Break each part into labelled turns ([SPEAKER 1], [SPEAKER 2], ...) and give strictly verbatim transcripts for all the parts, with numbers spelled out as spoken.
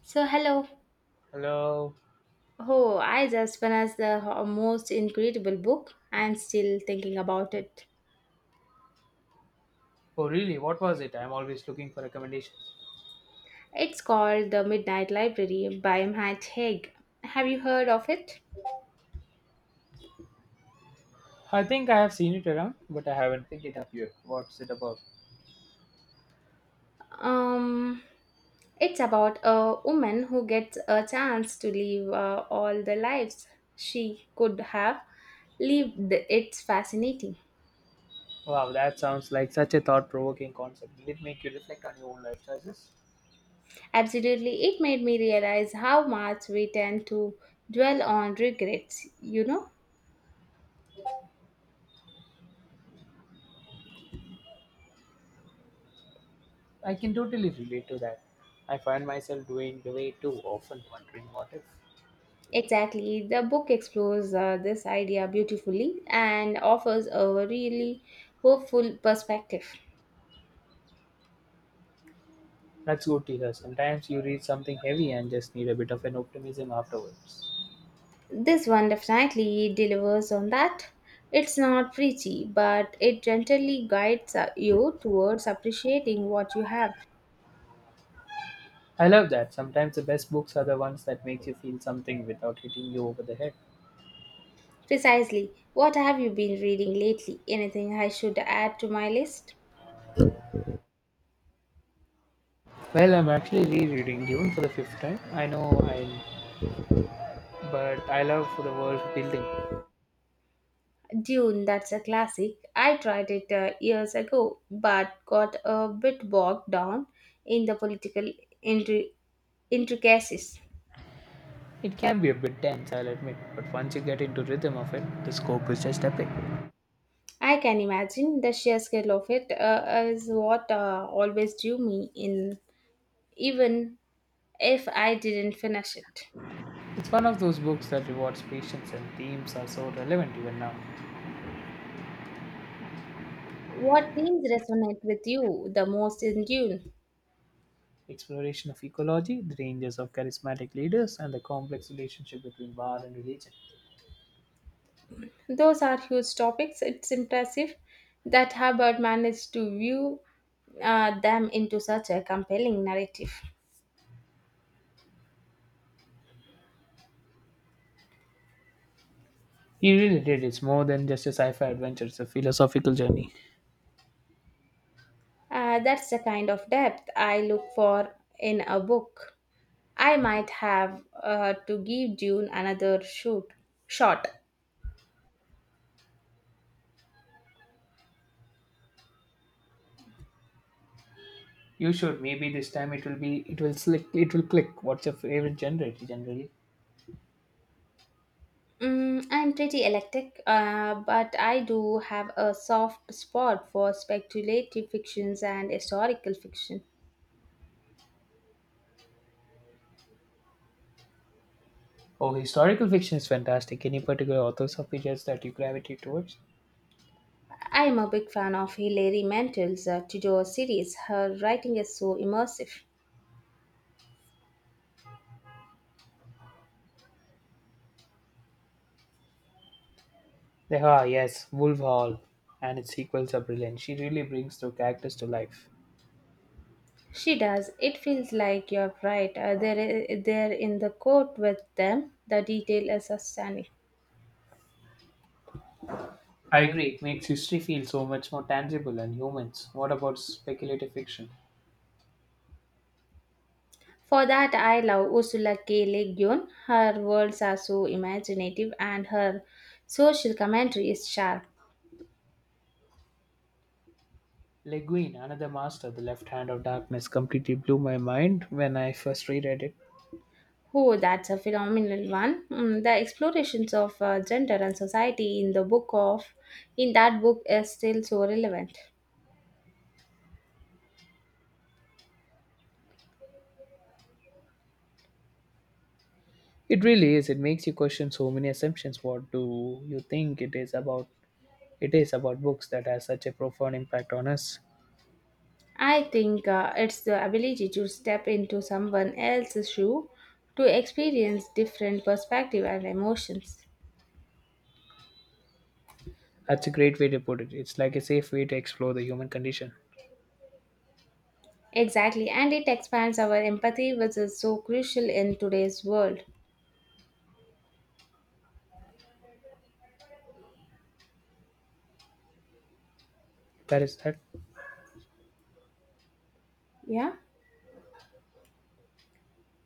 [SPEAKER 1] So, hello.
[SPEAKER 2] Hello.
[SPEAKER 1] Oh, I just finished the ho- most incredible book. I'm still thinking about it.
[SPEAKER 2] Oh, really? What was it? I'm always looking for recommendations.
[SPEAKER 1] It's called The Midnight Library by Matt Haig. Have you heard of it?
[SPEAKER 2] I think I have seen it around, but I haven't picked it up yet. What's it about?
[SPEAKER 1] Um, it's about a woman who gets a chance to live uh, all the lives she could have lived. It's fascinating.
[SPEAKER 2] Wow, that sounds like such a thought provoking concept. Did it make you reflect on your own life choices?
[SPEAKER 1] Absolutely, it made me realize how much we tend to dwell on regrets, you know?
[SPEAKER 2] I can totally relate to that. I find myself doing the way too often, wondering what if.
[SPEAKER 1] Exactly. The book explores uh, this idea beautifully and offers a really hopeful perspective.
[SPEAKER 2] That's good to hear. Sometimes you read something heavy and just need a bit of an optimism afterwards.
[SPEAKER 1] This one definitely delivers on that. It's not preachy, but it gently guides uh, you towards appreciating what you have.
[SPEAKER 2] I love that. Sometimes the best books are the ones that makes you feel something without hitting you over the head.
[SPEAKER 1] Precisely. What have you been reading lately? Anything I should add to my list?
[SPEAKER 2] Well, I'm actually rereading Dune for the fifth time. I know I but I love for the world building.
[SPEAKER 1] Dune, that's a classic. I tried it uh, years ago, but got a bit bogged down in the political intri- intricacies.
[SPEAKER 2] It can be a bit dense, I'll admit, but once you get into rhythm of it, the scope is just epic.
[SPEAKER 1] I can imagine the sheer scale of it uh, is what uh, always drew me in, even if I didn't finish it.
[SPEAKER 2] It's one of those books that rewards patience and themes are so relevant even now.
[SPEAKER 1] What themes resonate with you the most in Dune?
[SPEAKER 2] Exploration of ecology, the dangers of charismatic leaders, and the complex relationship between war and religion.
[SPEAKER 1] Those are huge topics. It's impressive that Hubbard managed to view uh, them into such a compelling narrative.
[SPEAKER 2] He really did. It's more than just a sci-fi adventure. It's a philosophical journey.
[SPEAKER 1] Uh, that's the kind of depth I look for in a book. I might have uh, to give Dune another shoot shot.
[SPEAKER 2] You should. Maybe this time it will be. It will slick. It will click. What's your favorite genre? Generally.
[SPEAKER 1] Mm, I'm pretty eclectic, uh, but I do have a soft spot for speculative fictions and historical fiction.
[SPEAKER 2] Oh, historical fiction is fantastic. Any particular authors or figures that you gravitate towards?
[SPEAKER 1] I am a big fan of Hilary Mantel's uh, Tudor series. Her writing is so immersive.
[SPEAKER 2] They are, yes, Wolf Hall and its sequels are brilliant. She really brings the characters to life.
[SPEAKER 1] She does. It feels like you're right uh, there, uh, there in the court with them. The detail is stunning.
[SPEAKER 2] I agree, it makes history feel so much more tangible and humans. What about speculative fiction?
[SPEAKER 1] For that, I love Ursula K. Le Guin. Her worlds are so imaginative and her social commentary is sharp.
[SPEAKER 2] Le Guin, another master, The Left Hand of Darkness, completely blew my mind when I first reread it.
[SPEAKER 1] Oh, that's a phenomenal one. Mm, the explorations of uh, gender and society in the book of in that book is still so relevant.
[SPEAKER 2] It really is. It makes you question so many assumptions. What do you think it is about? It is about books that has such a profound impact on us.
[SPEAKER 1] I think uh, it's the ability to step into someone else's shoe to experience different perspective and emotions.
[SPEAKER 2] That's a great way to put it. It's like a safe way to explore the human condition.
[SPEAKER 1] Exactly, and it expands our empathy, which is so crucial in today's world.
[SPEAKER 2] That is that.
[SPEAKER 1] Yeah.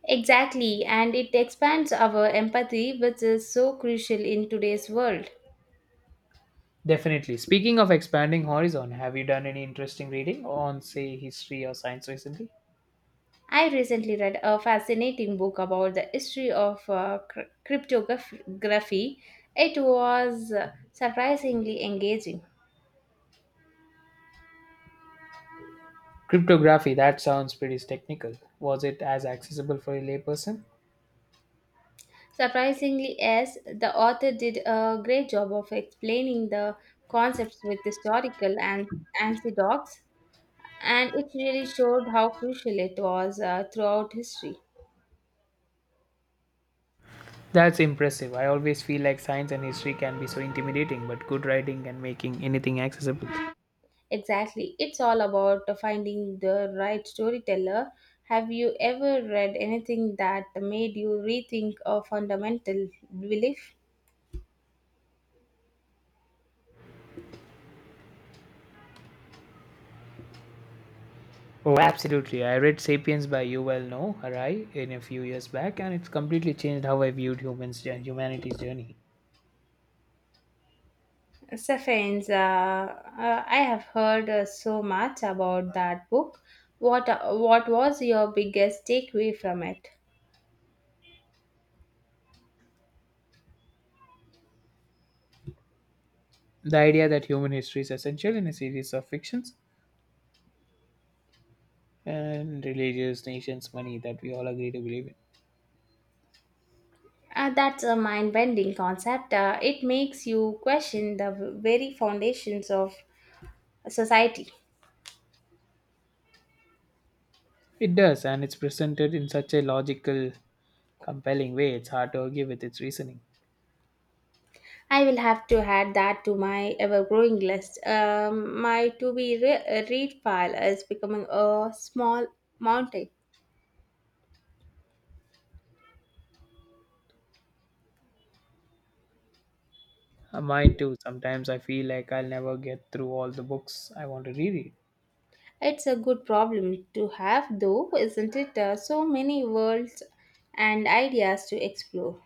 [SPEAKER 1] Exactly, and it expands our empathy, which is so crucial in today's world.
[SPEAKER 2] Definitely. Speaking of expanding horizon, have you done any interesting reading on, say, history or science recently?
[SPEAKER 1] I recently read a fascinating book about the history of uh, cr- cryptography. It was uh, surprisingly engaging.
[SPEAKER 2] Cryptography, that sounds pretty technical. Was it as accessible for a layperson?
[SPEAKER 1] Surprisingly, yes, the author did a great job of explaining the concepts with historical and anecdotes, and it really showed how crucial it was uh, throughout history.
[SPEAKER 2] That's impressive. I always feel like science and history can be so intimidating, but good writing and making anything accessible.
[SPEAKER 1] Exactly. It's all about finding the right storyteller. Have you ever read anything that made you rethink a fundamental belief?
[SPEAKER 2] Oh, absolutely. I read Sapiens by Yuval Noah Harari in a few years back, and it's completely changed how I viewed humans and humanity's journey.
[SPEAKER 1] Safains, uh, uh, I have heard uh, so much about that book. What, uh, what was your biggest takeaway from it?
[SPEAKER 2] The idea that human history is essential in a series of fictions and religious nations money that we all agree to believe in.
[SPEAKER 1] Uh, that's a mind bending concept. Uh, it makes you question the v- very foundations of society.
[SPEAKER 2] It does, and it's presented in such a logical, compelling way, it's hard to argue with its reasoning.
[SPEAKER 1] I will have to add that to my ever growing list. Um, my to be re- read pile is becoming a small mountain.
[SPEAKER 2] Uh, Mine too, sometimes I feel like I'll never get through all the books I want to reread.
[SPEAKER 1] It's a good problem to have, though, isn't it? Uh, so many worlds and ideas to explore.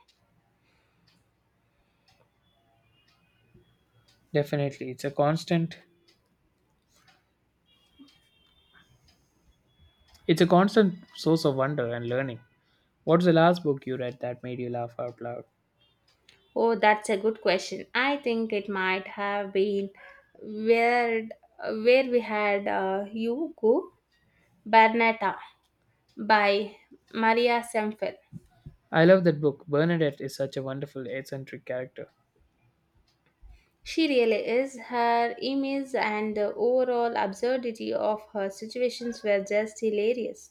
[SPEAKER 2] Definitely, it's a constant it's a constant source of wonder and learning. What's the last book you read that made you laugh out loud?
[SPEAKER 1] Oh, that's a good question. I think it might have been where where we had uh, you go Bernetta by Maria Semple.
[SPEAKER 2] I love that book. Bernadette is such a wonderful, eccentric character.
[SPEAKER 1] She really is. Her emails and the overall absurdity of her situations were just hilarious.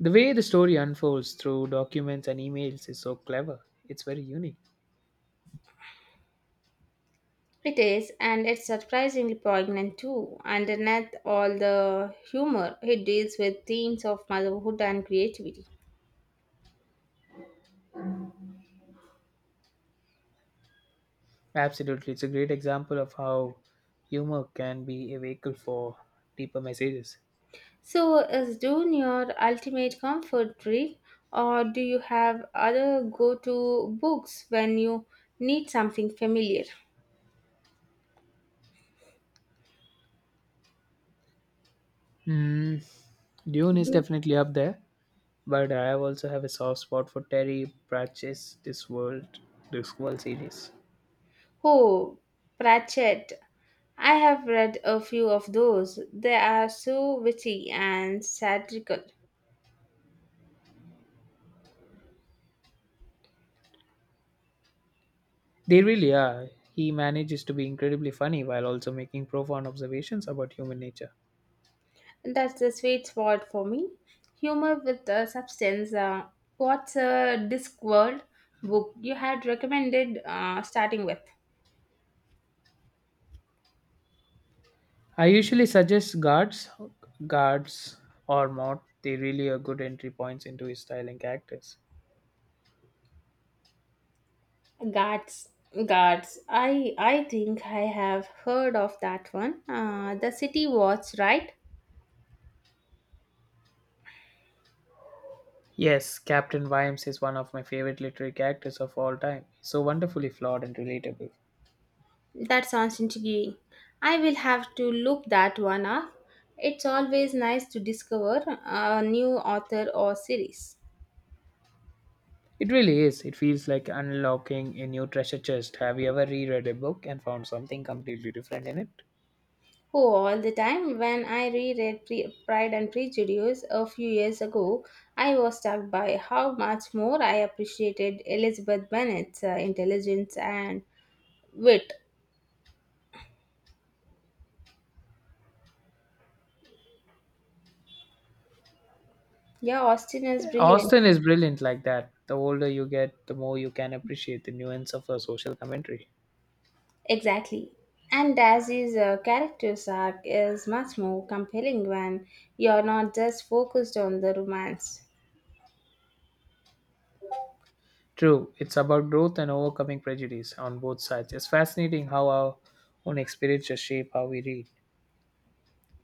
[SPEAKER 2] The way the story unfolds through documents and emails is so clever. It's very unique.
[SPEAKER 1] It is, and it's surprisingly poignant too. Underneath all the humor, it deals with themes of motherhood and creativity.
[SPEAKER 2] Absolutely. It's a great example of how humor can be a vehicle for deeper messages.
[SPEAKER 1] So, is Dune your ultimate comfort read, or do you have other go to books when you need something familiar?
[SPEAKER 2] Hmm. Dune is definitely up there, but I also have a soft spot for Terry Pratchett's This World, This World series.
[SPEAKER 1] Oh, Pratchett I have read a few of those. They are so witty and satirical.
[SPEAKER 2] They really are. He manages to be incredibly funny while also making profound observations about human nature.
[SPEAKER 1] That's the sweet spot for me. Humor with a substance. Uh, what's a Discworld book you had recommended uh, starting with?
[SPEAKER 2] I usually suggest guards, guards or mod. They really are good entry points into his style and characters.
[SPEAKER 1] Guards. Guards. I I think I have heard of that one. Uh, the City Watch, right?
[SPEAKER 2] Yes, Captain Vimes is one of my favorite literary characters of all time. So wonderfully flawed and relatable.
[SPEAKER 1] That sounds intriguing. I will have to look that one up. It's always nice to discover a new author or series.
[SPEAKER 2] It really is. It feels like unlocking a new treasure chest. Have you ever reread a book and found something completely different in it?
[SPEAKER 1] Oh, all the time. When I reread Pre- Pride and Prejudice a few years ago, I was struck by how much more I appreciated Elizabeth Bennet's uh, intelligence and wit. Yeah, Austen is
[SPEAKER 2] Yeah,
[SPEAKER 1] brilliant.
[SPEAKER 2] Austen is brilliant like that. The older you get, the more you can appreciate the nuance of her social commentary.
[SPEAKER 1] Exactly. And Dazzy's uh, character's arc is much more compelling when you're not just focused on the romance.
[SPEAKER 2] True, it's about growth and overcoming prejudice on both sides. It's fascinating how our own experiences shape how we read.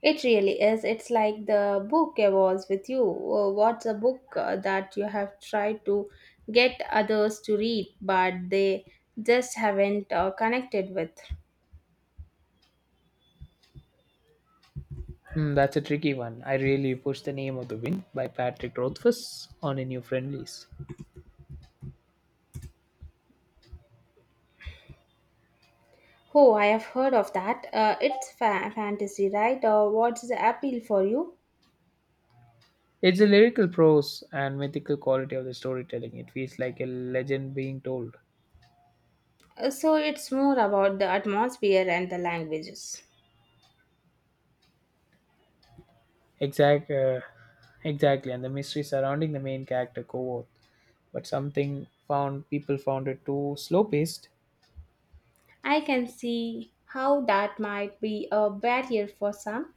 [SPEAKER 1] It really is. It's like the book evolves with you. Uh, What's a book uh, that you have tried to get others to read but they just haven't uh, connected with?
[SPEAKER 2] Hmm, that's a tricky one. I really pushed the name of the wind by Patrick Rothfuss on a new friend list.
[SPEAKER 1] Oh, I have heard of that. Uh, it's fa- fantasy, right? Or what's the appeal for you?
[SPEAKER 2] It's the lyrical prose and mythical quality of the storytelling. It feels like a legend being told.
[SPEAKER 1] Uh, so it's more about the atmosphere and the languages.
[SPEAKER 2] Exact, uh, exactly, and the mystery surrounding the main character Kovoth. But something found people found it too slow paced.
[SPEAKER 1] I can see how that might be a barrier for some.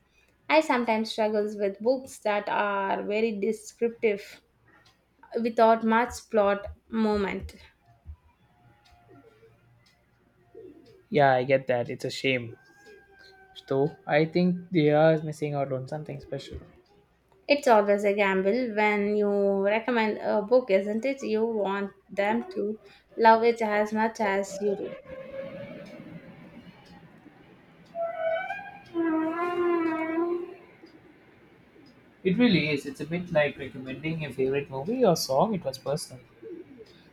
[SPEAKER 1] I sometimes struggle with books that are very descriptive without much plot moment.
[SPEAKER 2] Yeah, I get that. It's a shame. So I think they are missing out on something special.
[SPEAKER 1] It's always a gamble when you recommend a book, isn't it? You want them to love it as much as you do.
[SPEAKER 2] It really is. It's a bit like recommending a favorite movie or song. It was personal.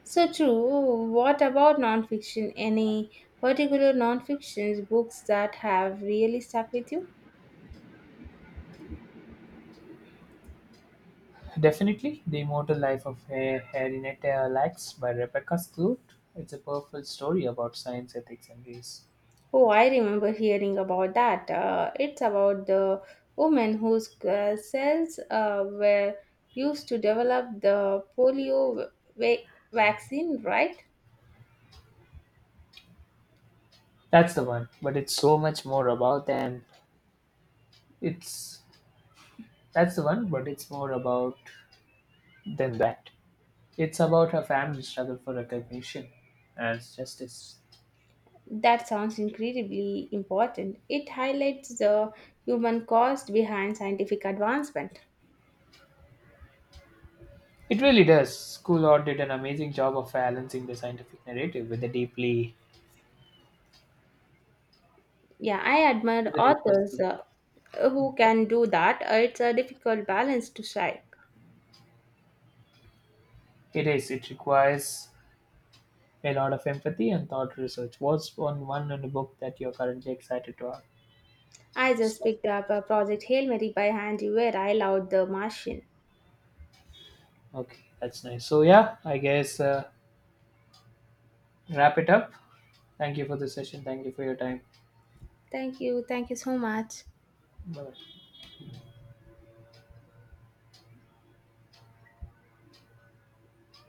[SPEAKER 1] So true. What about nonfiction? Any particular nonfiction books that have really stuck with you?
[SPEAKER 2] Definitely, The Immortal Life of Ha- Henrietta Lacks by Rebecca Stewart. It's a powerful story about science, ethics, and race.
[SPEAKER 1] Oh, I remember hearing about that. Uh, it's about the woman whose uh, cells uh, were used to develop the polio va- vaccine, right?
[SPEAKER 2] That's the one, but it's so much more about than it's. That's the one, but it's more about than that. It's about her family's struggle for recognition and justice.
[SPEAKER 1] That sounds incredibly important. It highlights the human cost behind scientific advancement.
[SPEAKER 2] It really does. School Art did an amazing job of balancing the scientific narrative with a deeply,
[SPEAKER 1] Yeah, I admire
[SPEAKER 2] with a deep
[SPEAKER 1] authors
[SPEAKER 2] personal.
[SPEAKER 1] uh, who can do that. Uh, It's a difficult balance to strike.
[SPEAKER 2] It is. It requires a lot of empathy and thought research. What's on one in the book that you're currently excited to have?
[SPEAKER 1] I just
[SPEAKER 2] So,
[SPEAKER 1] picked up a project Hail Mary by Andy Weir. I loved the Martian.
[SPEAKER 2] okay, that's nice. So yeah, I guess uh, wrap it up. Thank you for the session. Thank you for your time.
[SPEAKER 1] Thank you. Thank you so much.
[SPEAKER 2] Bye.